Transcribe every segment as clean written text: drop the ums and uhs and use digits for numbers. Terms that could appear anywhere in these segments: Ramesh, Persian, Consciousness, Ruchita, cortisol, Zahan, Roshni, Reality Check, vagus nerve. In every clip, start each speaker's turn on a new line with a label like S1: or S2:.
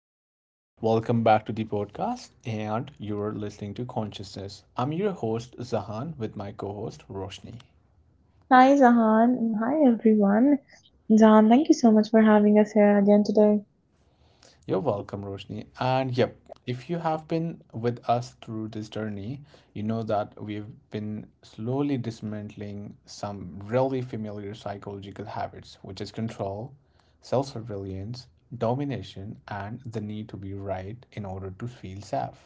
S1: everyone. Welcome back to the podcast, and you're listening to Consciousness. I'm your host, Zahan, with my co host, Roshni.
S2: Hi Zahan and hi everyone. Zahan, thank you so much for having us here again today.
S1: You're welcome, Roshni. And yep, if you have been with us through this journey, you know that we've been slowly dismantling some really familiar psychological habits, which is control, self surveillance, domination, and the need to be right in order to feel safe.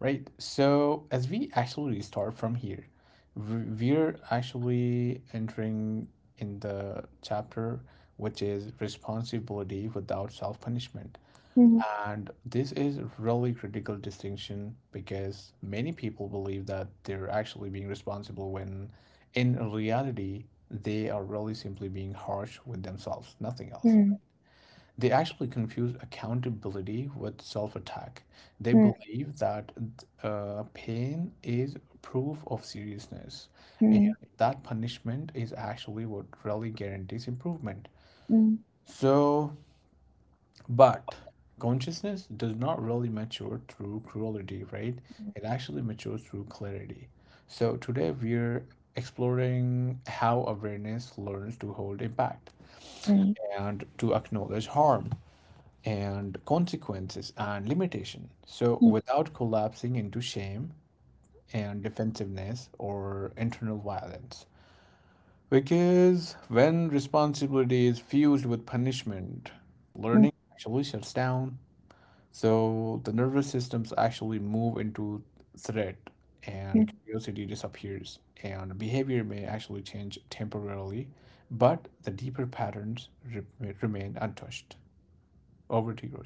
S1: Right. So as we actually start from here, we're actually entering in the chapter which is responsibility without self-punishment.
S2: Mhm,
S1: And this is really critical distinction because many people believe that they're actually being responsible when in reality they are really simply being harsh with themselves, nothing else.
S2: mhm,
S1: They actually confuse accountability with self attack. They
S2: mhm,
S1: believe that pain is proof of seriousness and
S2: mhm,
S1: that punishment is actually what really guarantees improvement.
S2: mhm,
S1: So, but consciousness does not really mature through cruelty, right? It actually matures through clarity. So, today we're exploring how awareness learns to hold impact
S2: mhm,
S1: and to acknowledge harm and consequences and limitation. So
S2: mhm,
S1: without collapsing into shame and defensiveness or internal violence. Because when responsibility is fused with punishment,
S2: mhm,
S1: learning actually shuts down. So the nervous systems actually move into threat and
S2: mhm.
S1: curiosity disappears and behavior may actually change temporarily, but the deeper patterns remain untouched. Over to you,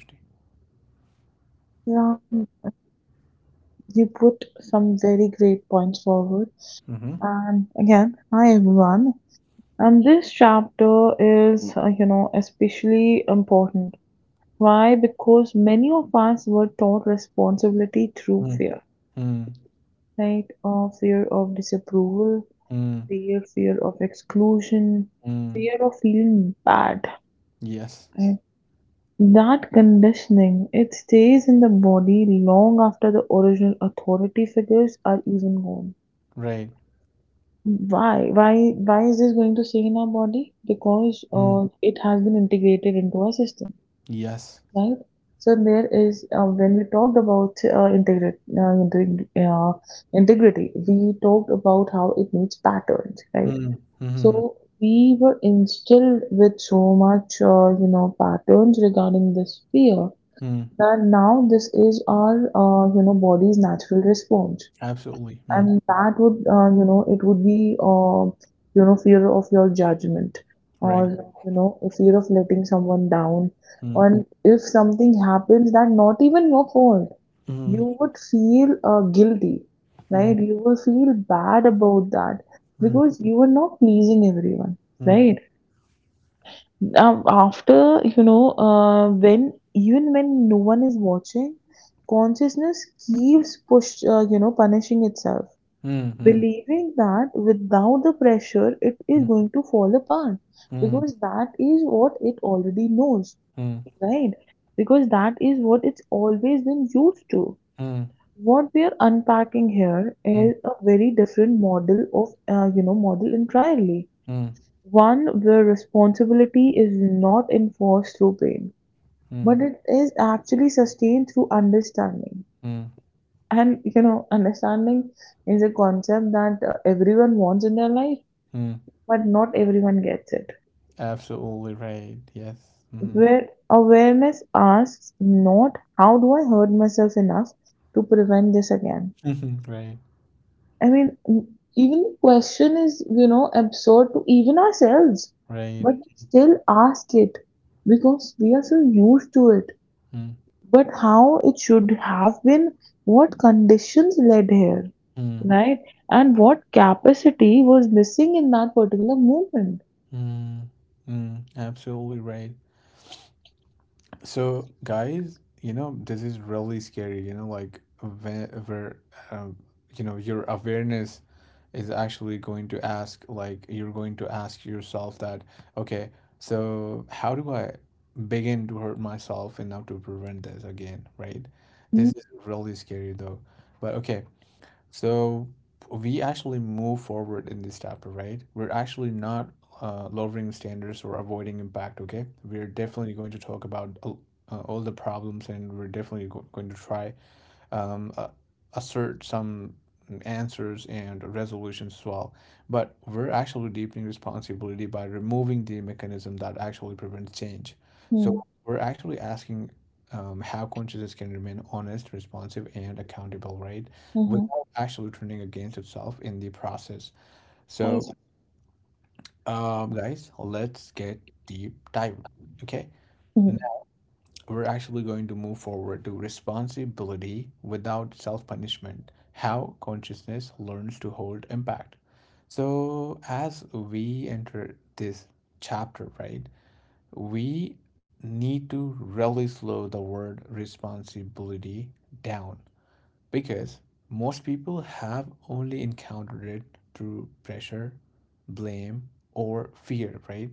S2: Zahan, you put some very great points forward.
S1: Roshni.
S2: And again, hi everyone. And this chapter is especially important. Why? Because many of us were taught responsibility through fear,
S1: Mm-hmm.
S2: right? Or fear of disapproval,
S1: Mm,
S2: fear of exclusion,
S1: mm,
S2: fear of feeling bad.
S1: yes,
S2: And that conditioning, it stays in the body long after the original authority figures are even gone.
S1: right.
S2: Why? Why? Why is this going to stay in our body? Because
S1: Mm,
S2: it has been integrated into our system,
S1: yes.
S2: right? So there is when we talked about integrity, we talked about how it needs patterns, right?
S1: Mm, mm-hmm,
S2: So we were instilled with so much patterns regarding this fear
S1: mm,
S2: that now this is our body's natural response.
S1: absolutely. Mm,
S2: And that would, you know, it would be fear of your judgment
S1: right.
S2: or a fear of letting someone down.
S1: Mm,
S2: And if something happens that not even your fault,
S1: mm,
S2: you would feel guilty,
S1: mm,
S2: right? You will feel bad about that
S1: mm,
S2: because you are not pleasing everyone,
S1: mm,
S2: right? Now, after, you know, when even when no one is watching, consciousness keeps punishing itself,
S1: mm, mm,
S2: believing that without the pressure, it is going to fall apart
S1: mm, mm, mm, mm,
S2: because that is what it already knows, right? Because that is what it's always been used to.
S1: mm,
S2: What we are unpacking here is a very different model of, you know, model entirely.
S1: mm,
S2: One where responsibility is not enforced through pain,
S1: mm,
S2: but it is actually sustained through understanding.
S1: mm,
S2: Understanding is a concept that everyone wants in their life,
S1: mm.
S2: but not everyone gets it.
S1: Absolutely right. Yes. Mm-hmm.
S2: Where awareness asks not how do I hurt myself enough to prevent this again,
S1: Right.
S2: I mean, even the question is absurd to even ourselves,
S1: Right.
S2: but we still ask it because we are so used to it.
S1: Mm,
S2: But how it should have been, what conditions led here,
S1: mm,
S2: right? And what capacity was missing in that particular moment.
S1: mm, mm. Absolutely right. So, guys, you know, this is really scary, you know, like whenever, um, you know, your awareness is actually going to ask, like, you're going to ask yourself that, okay, so how do I begin to hurt myself enough to prevent this again, right? This is really scary though. But okay, so we actually move forward in this chapter, right? We're actually not lowering standards or avoiding impact, okay? We're definitely going to talk about all the problems and we're definitely going to try um, uh, assert some answers and resolutions as well. But we're actually deepening responsibility by removing the mechanism that actually prevents change.
S2: Mm-hmm.
S1: So we're actually asking how consciousness can remain honest, responsive, and accountable, right?
S2: Mm-hmm.
S1: Without actually turning against itself in the process. So,
S2: Precisely.
S1: guys, let's get deep dive. Okay, we're actually going to move forward to responsibility without self punishment, how consciousness learns to hold impact. So as we enter this chapter, right, we need to really slow the word responsibility down, because most people have only encountered it through pressure, blame, or fear, right?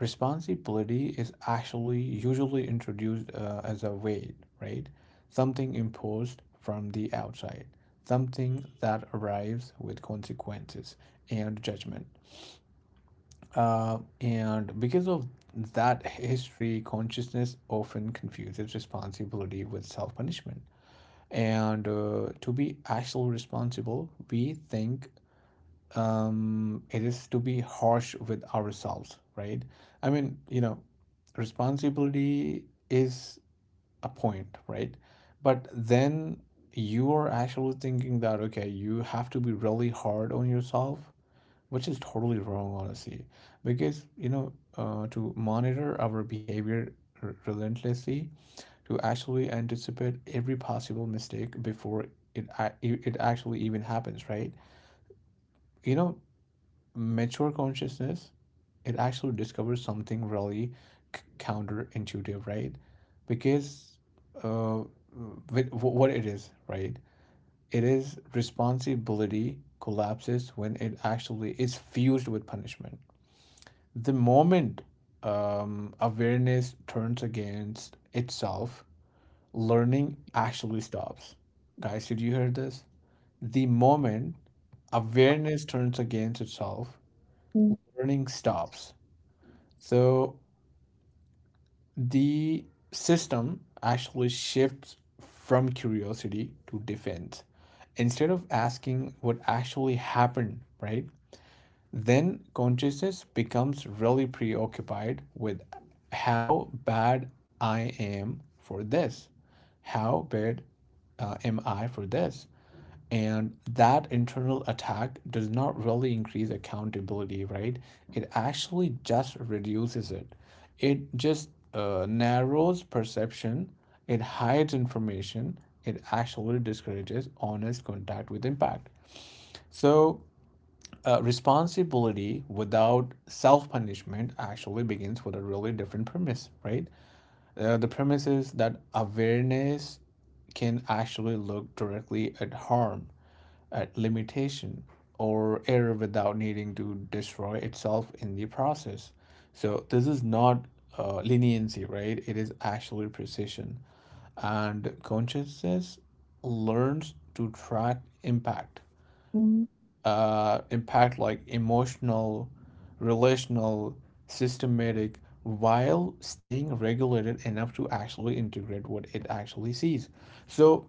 S1: Responsibility is actually usually introduced as a weight, right? Something imposed from the outside, something that arrives with consequences and judgment. And because of that history, consciousness often confuses responsibility with self punishment. And to be actually responsible, we think it is to be harsh with ourselves, right? I mean, you know, responsibility is a point, right? But then you are actually thinking that, okay, you have to be really hard on yourself, which is totally wrong, honestly. Because, you know, to monitor our behavior relentlessly, to actually anticipate every possible mistake before it actually even happens, right? You know, mature consciousness, it actually discovers something really counterintuitive, right? Because uh, with, what it is, right? It is, responsibility collapses when it actually is fused with punishment. The moment awareness turns against itself, learning actually stops. Guys, did you hear this? The moment awareness turns against itself,
S2: Mm-hmm.
S1: learning stops. So the system actually shifts from curiosity to defense. Instead of asking what actually happened, right? Then consciousness becomes really preoccupied with how bad I am for this. How bad am I for this? And that internal attack does not really increase accountability, right? It actually just reduces it. It just narrows perception, it hides information, it actually discourages honest contact with impact. So, responsibility without self punishment actually begins with a really different premise, right? The premise is that awareness can actually look directly at harm, at limitation or error without needing to destroy itself in the process. So this is not leniency, right? It is actually precision. And consciousness learns to track impact,
S2: Mm-hmm.
S1: impact like emotional, relational, systematic, while staying regulated enough to actually integrate what it actually sees. So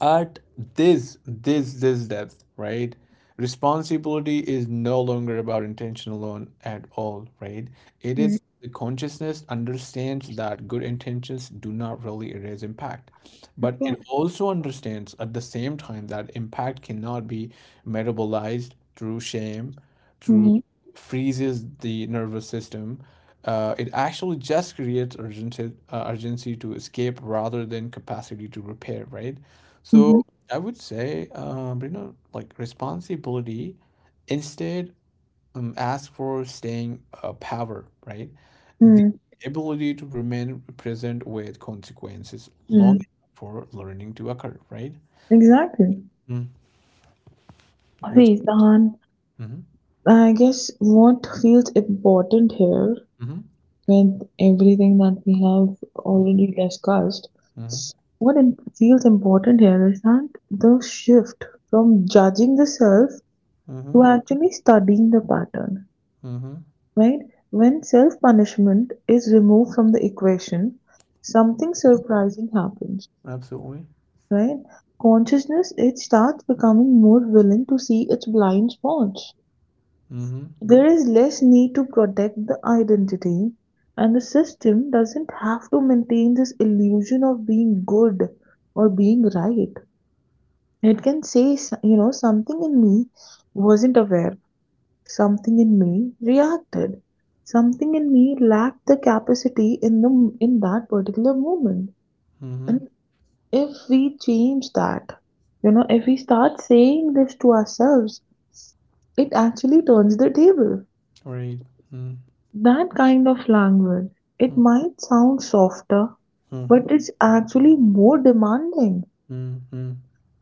S1: at this depth, right? Responsibility is no longer about intention alone at all, right? It is,
S2: Mm-hmm.
S1: the consciousness understands that good intentions do not really erase impact, but it
S2: Yeah.
S1: also understands at the same time that impact cannot be metabolized through shame, through
S2: Mm-hmm.
S1: freezes the nervous system. It actually just creates urgency, urgency to escape rather than capacity to repair, right? So I would say, you know, like responsibility, instead, ask for staying power, right? The
S2: Mm-hmm.
S1: ability to remain present with consequences long
S2: Mm-hmm.
S1: enough for learning to occur, right?
S2: Exactly.
S1: Mm. Your
S2: Please,
S1: turn.
S2: I guess what feels important here
S1: Mm-hmm. Mm-hmm.
S2: with everything that we have already discussed, what feels important here is that the shift from judging the self
S1: Mm-hmm. Mm-hmm.
S2: to actually studying the pattern,
S1: Mm-hmm.
S2: right? When self punishment is removed from the equation, something surprising happens,
S1: Absolutely.
S2: right? Consciousness, it starts becoming more willing to see its blind spots.
S1: Mm-hmm.
S2: There is less need to protect the identity, and the system doesn't have to maintain this illusion of being good or being right. It can say, something in me wasn't aware, something in me reacted, something in me lacked the capacity in the in that particular moment.
S1: Mm-hmm.
S2: And if we change that if we start saying this to ourselves, it actually turns the table.
S1: Right. Mm-hmm.
S2: That kind of language, it might sound softer,
S1: Mm-hmm.
S2: but it's actually more demanding.
S1: Mm-hmm.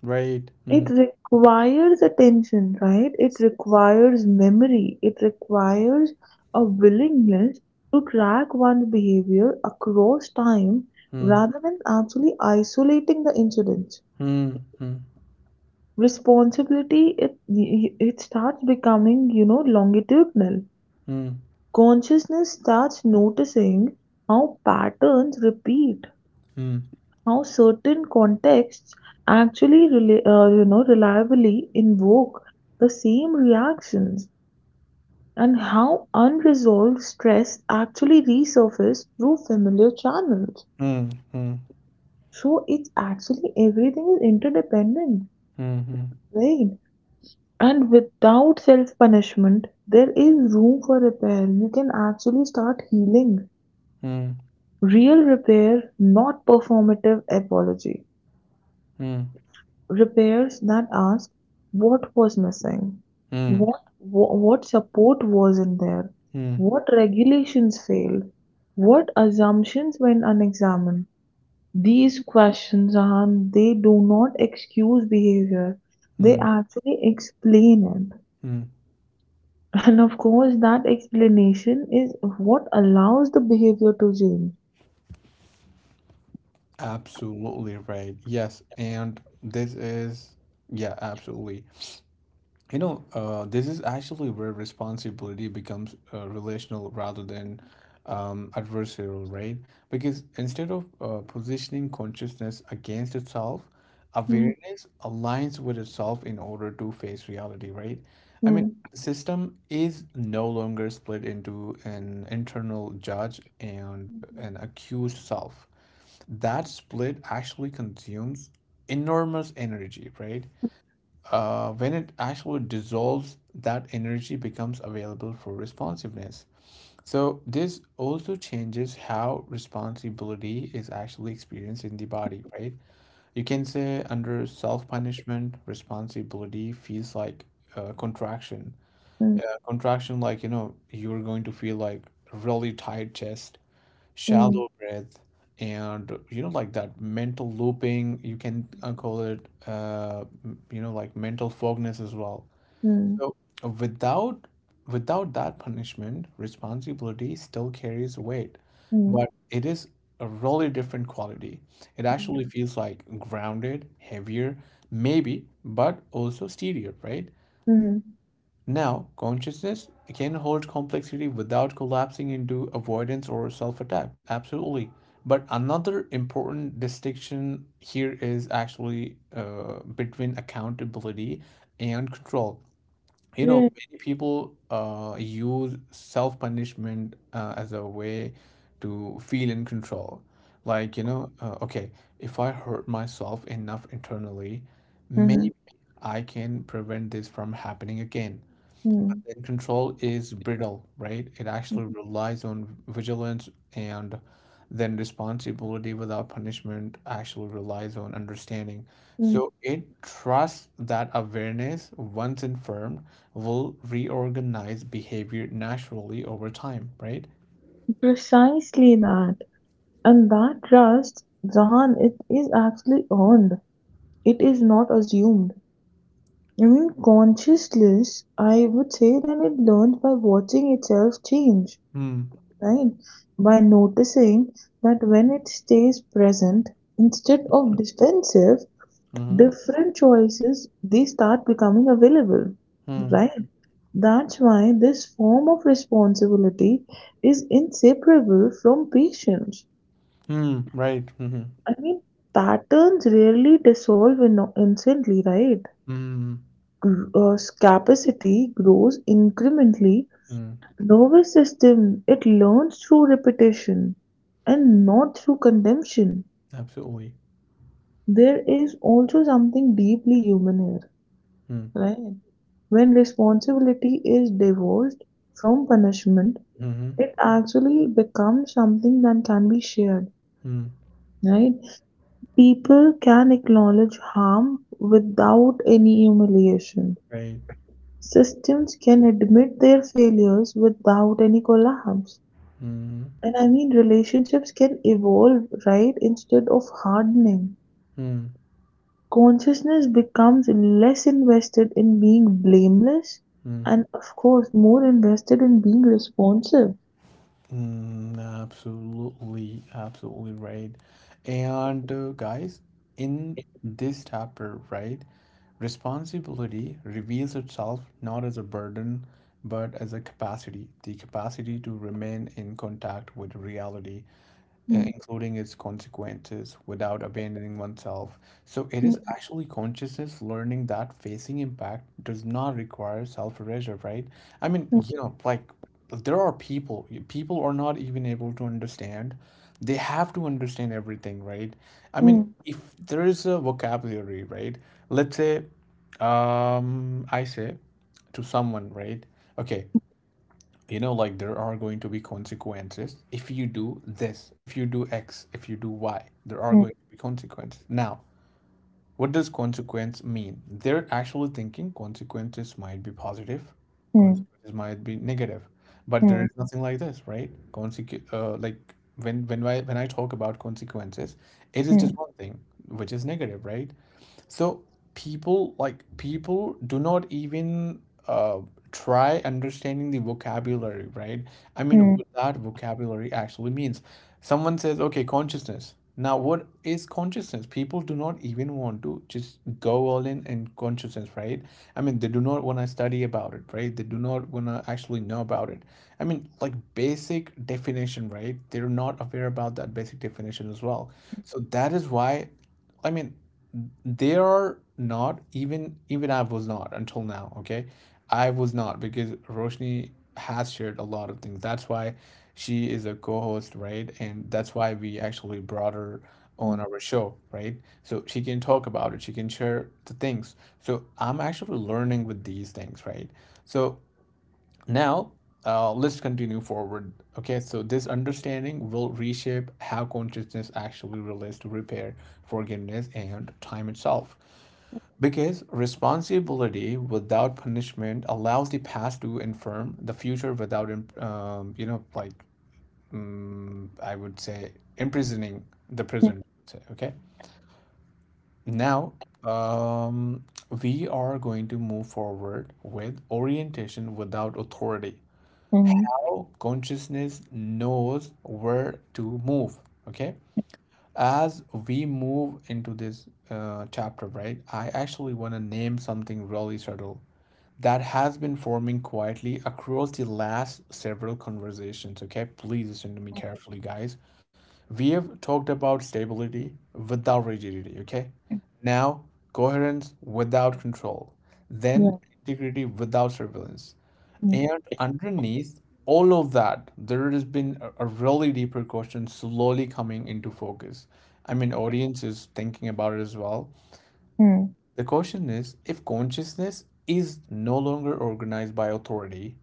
S1: Right.
S2: It
S1: Mm.
S2: requires attention, right? It
S1: Yes.
S2: requires memory. It requires a willingness to track one's behavior across time
S1: Mm-hmm.
S2: rather than actually isolating the incidents.
S1: Mm-hmm.
S2: Responsibility, it starts becoming longitudinal.
S1: Mm-hmm.
S2: Consciousness starts noticing how patterns repeat, how certain contexts actually reliably invoke the same reactions, and how unresolved stress actually resurfaces through familiar channels.
S1: Mm, mm,
S2: So it's actually everything is interdependent,
S1: mm, mm,
S2: right? And without self punishment, there is room for repair. You can actually start healing
S1: mm,
S2: real repair, not performative apology.
S1: mm,
S2: Repairs that ask what was missing,
S1: mm,
S2: what support wasn't there,
S1: mm,
S2: what regulations failed, what assumptions went unexamined. These questions, Zahan, they do not excuse behavior. They
S1: mm,
S2: actually explain it.
S1: mm.
S2: And of course, that explanation is what allows the behavior to change.
S1: Absolutely right. Yes, and this is, yeah, absolutely. You know, this is actually where responsibility becomes relational rather than adversarial, right? Because instead of positioning consciousness against itself,
S2: Mm,
S1: awareness aligns with itself in order to face reality, right? I mean,
S2: mm,
S1: the system is no longer split into an internal judge and an accused self. That split actually consumes enormous energy, right? When it actually dissolves, that energy becomes available for responsiveness. So, this also changes how responsibility is actually experienced in the body, right? You can say under self punishment, responsibility feels like contraction.
S2: mm,
S1: Contraction, like, you know, you're going to feel like really tight chest,
S2: mm,
S1: shallow breath, and you know like that mental looping, you can call it you know like mental fogness as well.
S2: mm,
S1: So, uh, without without that punishment, responsibility still carries weight,
S2: mm,
S1: but it is a really different quality. It actually feels like grounded, heavier maybe, but also steadier, right?
S2: mm,
S1: Now, consciousness can hold complexity without collapsing into avoidance or self attack. Absolutely. But another important distinction here is actually between accountability and control. You know,
S2: mm,
S1: many people use self punishment as a way to feel in control. Like, you know, okay, if I hurt myself enough internally,
S2: mm, mm,
S1: maybe I can prevent this from happening again.
S2: mm.
S1: Then control is brittle, right? It actually relies on vigilance, and then responsibility without punishment actually relies on understanding.
S2: Mm,
S1: So it trusts that awareness, once informed, will reorganize behavior naturally over time, right?
S2: precisely that. And that trust, Jahan, it is actually earned. It is not assumed. I mean, consciousness, I would say that it learns by watching itself change,
S1: Hmm.
S2: right? By noticing that when it stays present, instead of defensive,
S1: Mm-hmm.
S2: different choices, they start becoming available,
S1: Mm-hmm.
S2: right? That's why this form of responsibility is inseparable from patience.
S1: Hmm. Right. Mm-hmm.
S2: I mean, patterns rarely dissolve in instantly, right?
S1: Mm-hmm.
S2: Gr- Uh, Capacity grows incrementally.
S1: Mm.
S2: Nervous system it learns through repetition and not through consumption.
S1: Absolutely.
S2: There is also something deeply human here,
S1: Mm.
S2: right? When responsibility is divorced from punishment,
S1: Mm-hmm.
S2: it actually becomes something that can be shared,
S1: Mm.
S2: right? People can acknowledge harm without any humiliation.
S1: Right.
S2: Systems can admit their failures without any collapse.
S1: Mm-hmm.
S2: And I mean, relationships can evolve, right, instead of hardening.
S1: Mm.
S2: Consciousness becomes less invested in being blameless
S1: Mm.
S2: and, of course, more invested in being responsive.
S1: Mm, absolutely, absolutely right. And guys, in this chapter, right, responsibility reveals itself not as a burden, but as a capacity, the capacity to remain in contact with reality,
S2: Mm,
S1: including its consequences without abandoning oneself. So it is
S2: mm,
S1: actually consciousness learning that facing impact does not require self-erasure, right? I mean, you know, like there are people, people are not even able to understand. They have to understand everything, right? I mean,
S2: mm,
S1: if there is a vocabulary, right? Let's say, I say to someone, right? Okay, you know, like there are going to be consequences if you do this, if you do x, if you do y, there are going to be consequences. Now, what does consequence mean? They're actually thinking consequences might be positive,
S2: mm,
S1: consequences might be negative, but there
S2: mm,
S1: is nothing like this, right? Like, when when I talk about consequences, it is
S2: mm,
S1: just one thing, which is negative, right? So people, like, people do not even uh, try understanding the vocabulary, right? I mean,
S2: mm, mm,
S1: what that vocabulary actually means. Someone says, okay, consciousness, now what is consciousness? People do not even want to just go all in consciousness, right? I mean, they do not want to study about it, right? They do not want to actually know about it. I mean, like basic definition, right? They're not aware about that basic definition as well. So that is why, I mean, they are not even I was not until now. Okay, I was not, because Roshni has shared a lot of things. That's why she is a co-host, right? And that's why we actually brought her on our show, right? So she can talk about it, she can share the things, so I'm actually learning with these things, right? So now, let's continue forward. Okay, so this understanding will reshape how consciousness actually relates to repair, forgiveness, and time itself, because responsibility without punishment allows the past to inform the future without, you know, like, I would say, imprisoning the present. Okay. Now, um, we are going to move forward with orientation without authority.
S2: mm, mm,
S1: How consciousness knows where to move. Okay. As we move into this chapter, right, I actually want to name something really subtle that has been forming quietly across the last several conversations. Okay, please listen to me carefully, guys. We have talked about stability without rigidity. Okay,
S2: mm,
S1: now coherence without control, then
S2: yeah,
S1: integrity without surveillance.
S2: mm,
S1: And underneath all of that, there has been a really deeper question slowly coming into focus. I mean, audience is thinking about it as well.
S2: mm,
S1: The question is, if consciousness is no longer organized by authority,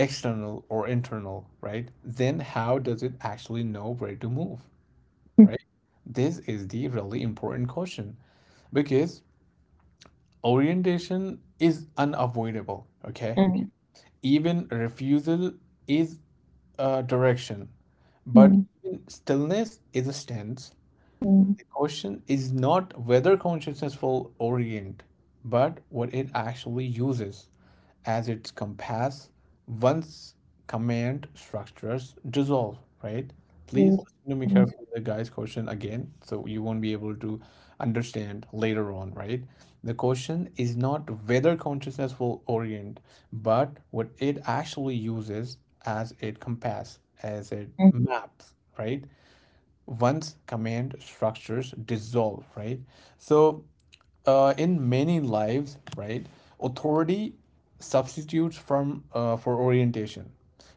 S1: external or internal, right? Then how does it actually know where to move, right? This is the really important question because orientation is unavoidable, okay?
S2: mm.
S1: Even refusal is a direction, but
S2: Mhm,
S1: stillness is a stance.
S2: mhm,
S1: The question is not whether consciousness will orient, but what it actually uses as its compass once command structures dissolve, right? Please
S2: good,
S1: listen to me
S2: mm,
S1: carefully, the guy's question again, so you won't be able to understand later on, right? The question is not whether consciousness will orient, but what it actually uses as it compass, as it
S2: mm,
S1: maps, right? Once command structures dissolve, right? So, in many lives, right, authority substitutes from for orientation.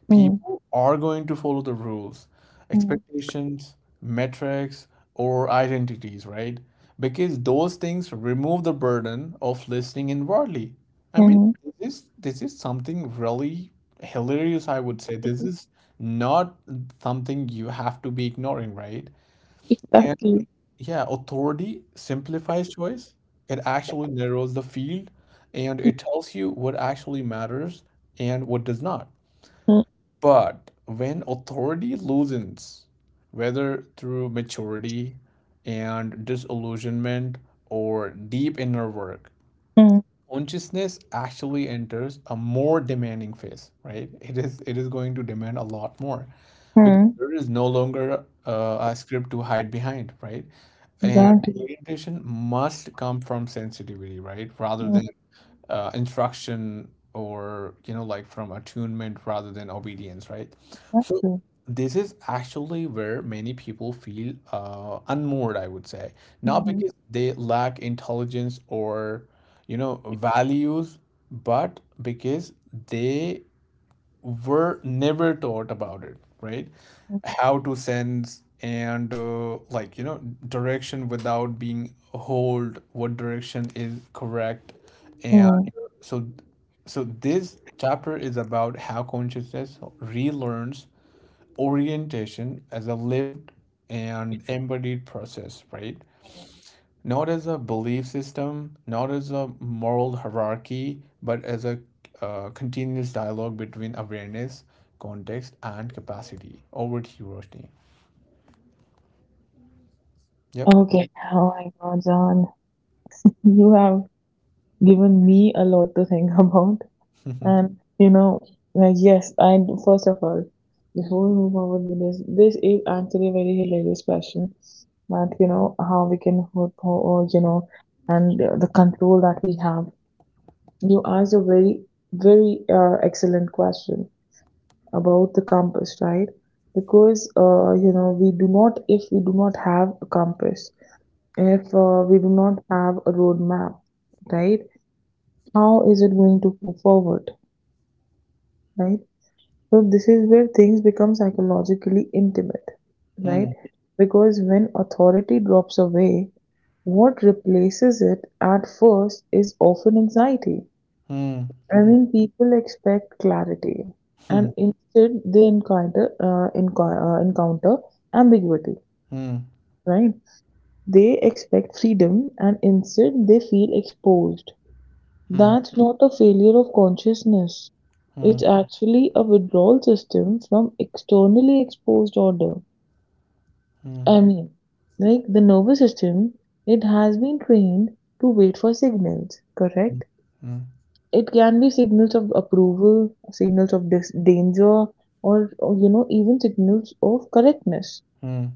S2: mm,
S1: People are going to follow the rules,
S2: mm,
S1: expectations, metrics, or identities, right? Because those things remove the burden of listening inwardly. I mean,
S2: mhm.
S1: this is something really hilarious, I would say. This is not something you have to be ignoring, right? And
S2: Exactly.
S1: yeah, authority simplifies choice. It actually narrows the field and it tells you what actually matters and what does not.
S2: Mhm,
S1: But when authority loosens, whether through maturity and disillusionment or deep inner work,
S2: mm,
S1: consciousness actually enters a more demanding phase, right? It is going to demand a lot more because
S2: mm.
S1: there is no longer a script to hide behind, right? And
S2: Exactly.
S1: orientation must come from sensitivity, right, rather
S2: Mm,
S1: than instruction, or from attunement rather than obedience, right? So
S2: exactly.
S1: this is actually where many people feel unmoored, I would say. Not
S2: Mhm,
S1: because they lack intelligence or values but because they were never taught about it, right?
S2: mm,
S1: How to sense and direction without being hold what direction is correct. And
S2: mm.
S1: so this chapter is about how consciousness relearns orientation as a lived and embodied process, right? Not as a belief system, not as a moral hierarchy, but as a continuous dialogue between awareness, context, and capacity. Over to you, Roshni. Yep.
S2: Okay. Oh my God, John, you have given me a lot to think about. And like yes, I first of all, before we move forward with this, this is actually a very hilarious question. But you know how we can hope, and the control that we have. You asked a very, very excellent question about the compass, right? Because you know we do not, if we do not have a compass, if we do not have a roadmap, right? How is it going to move forward, right? So this is where things become psychologically intimate, right?
S1: Hmm.
S2: Because when authority drops away, what replaces it at first is often anxiety.
S1: Hmm.
S2: I mean, people expect clarity, and
S1: Hmm.
S2: instead they encounter ambiguity.
S1: Hmm.
S2: Right? They expect freedom, and instead they feel exposed.
S1: Hmm.
S2: That's not a failure of consciousness.
S1: Hmm.
S2: It's actually a withdrawal system from externally exposed order.
S1: Hmm.
S2: I mean, like the nervous system, it has been trained to wait for signals, correct?
S1: Hmm. Hmm.
S2: It can be signals of approval, signals of danger, or even signals of correctness.
S1: Hmm.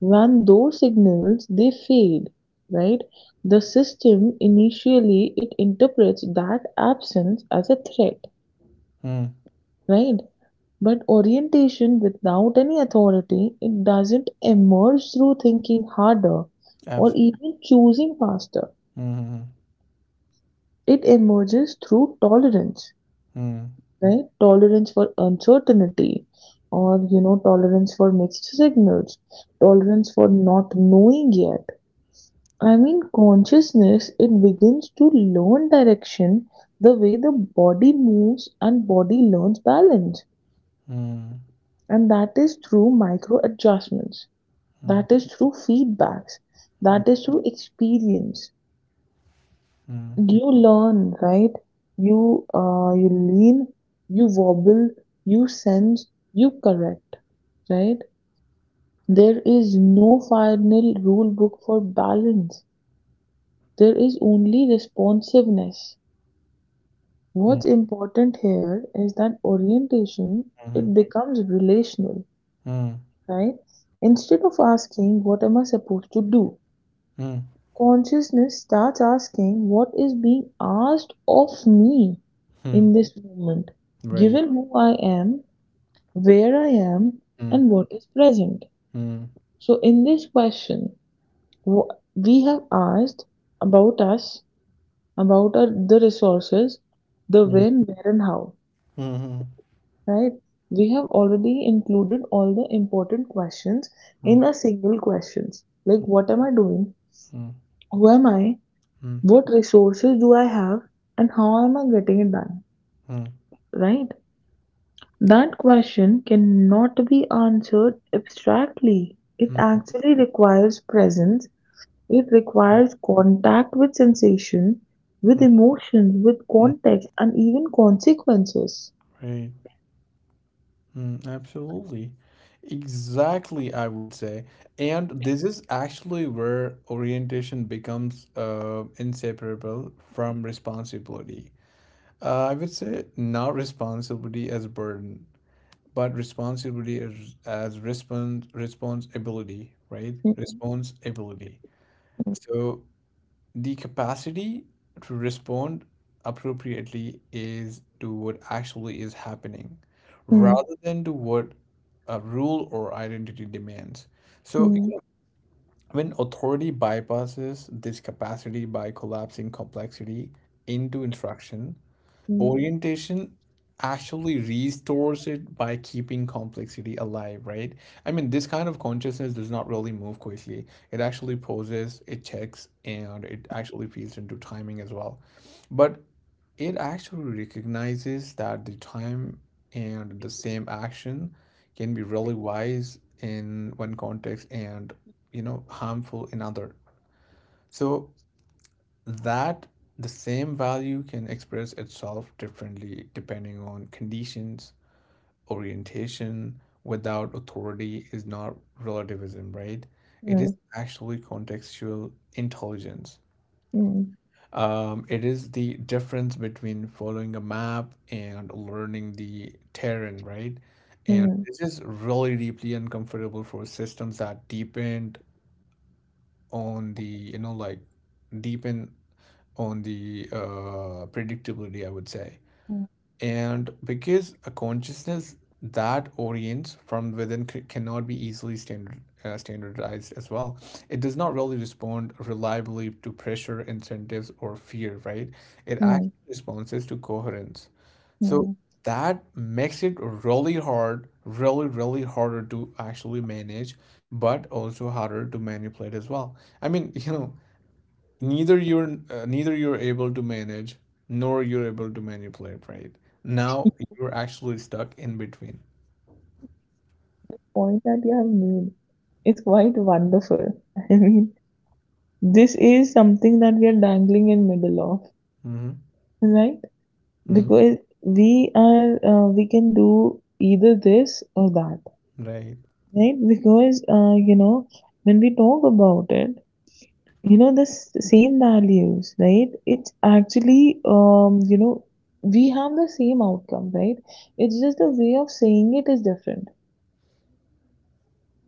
S2: When those signals they fade, right? The system initially it interprets that absence as a threat,
S1: Hmm.
S2: right? But orientation without any authority, it doesn't emerge through thinking harder or
S1: Absolutely.
S2: even choosing faster.
S1: Hmm.
S2: It emerges through tolerance.
S1: Hmm.
S2: Right? Tolerance for uncertainty, or tolerance for mixed signals, tolerance for not knowing yet. I mean, consciousness it begins to learn direction the way the body moves and body learns balance,
S1: Hmm.
S2: and that is through micro adjustments,
S1: Hmm.
S2: that is through feedbacks, that is through experience.
S1: Hmm.
S2: You learn, right? You lean, you wobble, you sense, you correct, right? There is no final rule book for balance. There is only responsiveness.
S1: Hmm.
S2: What's important here is that orientation
S1: Hmm.
S2: it becomes relational,
S1: Hmm.
S2: right? Instead of asking what am I supposed to do,
S1: Hmm.
S2: consciousness starts asking what is being asked of me
S1: Hmm.
S2: in this moment,
S1: Right.
S2: given who I am, where I am,
S1: Hmm.
S2: and what is present.
S1: Hmm.
S2: So, in this question, wh- we have asked about us, about our, the resources, the
S1: Hmm.
S2: when, where, and how,
S1: Hmm.
S2: right? We have already included all the important questions
S1: Hmm.
S2: in a single questions like what am I doing,
S1: Hmm.
S2: who am I,
S1: Mm,
S2: what resources do I have and how am I getting it done,
S1: mm,
S2: right? That question cannot be answered abstractly. It
S1: mm,
S2: actually requires presence, it
S1: mm,
S2: requires contact with sensation, with
S1: mm,
S2: emotions, with
S1: mm.
S2: context, and even consequences.
S1: Right. Mm, absolutely. Exactly, I would say. And this is actually where orientation becomes inseparable from responsibility. I would say not responsibility as burden, but responsibility as, as responsibility, right? Responsibility. So the capacity to respond appropriately is to what actually is happening
S2: Mm,
S1: rather than to what a rule or identity demands. So, you
S2: mm,
S1: know, when authority bypasses this capacity by collapsing complexity into instruction,
S2: mm,
S1: orientation actually restores it by keeping complexity alive, right? I mean, this kind of consciousness does not really move quickly. It actually pauses, it checks, and it actually feeds into timing as well. But it actually recognizes that the time and the same action can be really wise in one context and you know harmful in other. So that the same value can express itself differently depending on conditions, orientation without authority is not relativism, right? It is
S2: mm,
S1: actually contextual intelligence.
S2: mm,
S1: It is the difference between following a map and learning the terrain, right?
S2: mm,
S1: And
S2: mm,
S1: this is really deeply uncomfortable for systems that depend on the, you know, like deepen on the predictability, I would say.
S2: mm,
S1: And because a consciousness that orients from within cannot be easily standardized as well, it does not really respond reliably to pressure, incentives, or fear, right? It actually
S2: mm,
S1: responds to coherence. So
S2: mm.
S1: that makes it really hard, really, really harder to actually manage, but also harder to manipulate as well. I mean, you know, neither you're able to manage nor you're able to manipulate, right? Now you're actually stuck in between.
S2: Point that you have made is quite wonderful. I mean, this is something that we are dangling in middle of,
S1: Hmm.
S2: right?
S1: Hmm.
S2: Because we can do either this or that,
S1: Right.
S2: right? Because when we talk about it, the same values, right? It's actually we have the same outcome, right? It's just the way of saying it is different.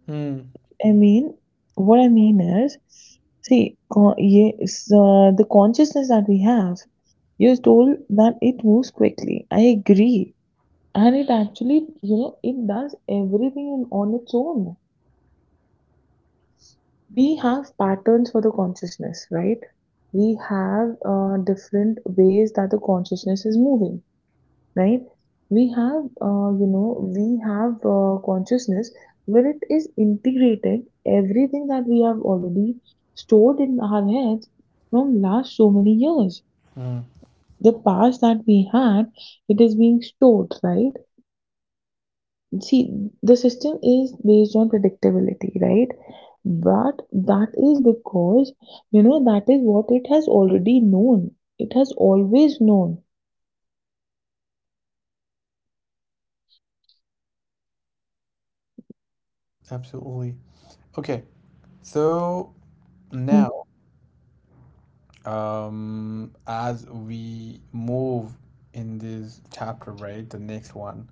S1: Hmm.
S2: I mean, what I mean is, see, yes, the consciousness that we have, you told that it moves quickly. I agree. And it actually it does everything on its own. We have patterns for the consciousness, right? We have different ways that the consciousness is moving. Right? We have consciousness where it is integrated everything that we have already stored in our heads from last so many years. The past that we had, it is being stored, right? See, the system is based on predictability, right? But that is because that is what it has already known. It has always known.
S1: Absolutely. Okay, so now, as we move in this chapter, right, the next one,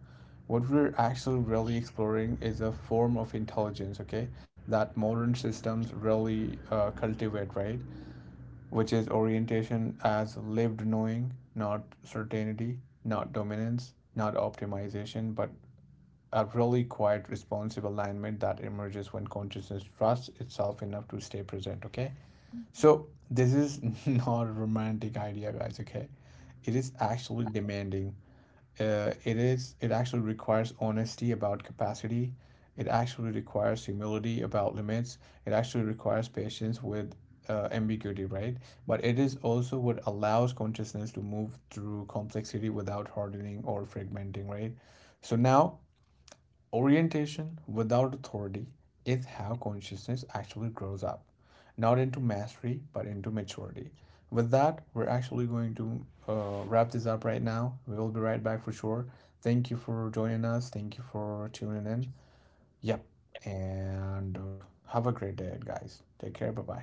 S1: what we're actually really exploring is a form of intelligence, okay, that modern systems really cultivate, right? Which is orientation as lived knowing, not certainty, not dominance, not optimization, but a really quiet, responsive alignment that emerges when consciousness trusts itself enough to stay present. Okay. So, this is not a romantic idea, guys. Okay. It is actually demanding. It actually requires honesty about capacity, it actually requires humility about limits, it actually requires patience with ambiguity, right? But it is also what allows consciousness to move through complexity without hardening or fragmenting, right? So now, orientation without authority is how consciousness actually grows up, not into mastery, but into maturity. With that, we're actually going to wrap this up right now. We will be right back for sure. Thank you for joining us. Thank you for tuning in. Yep. And have a great day, guys. Take care. Bye bye.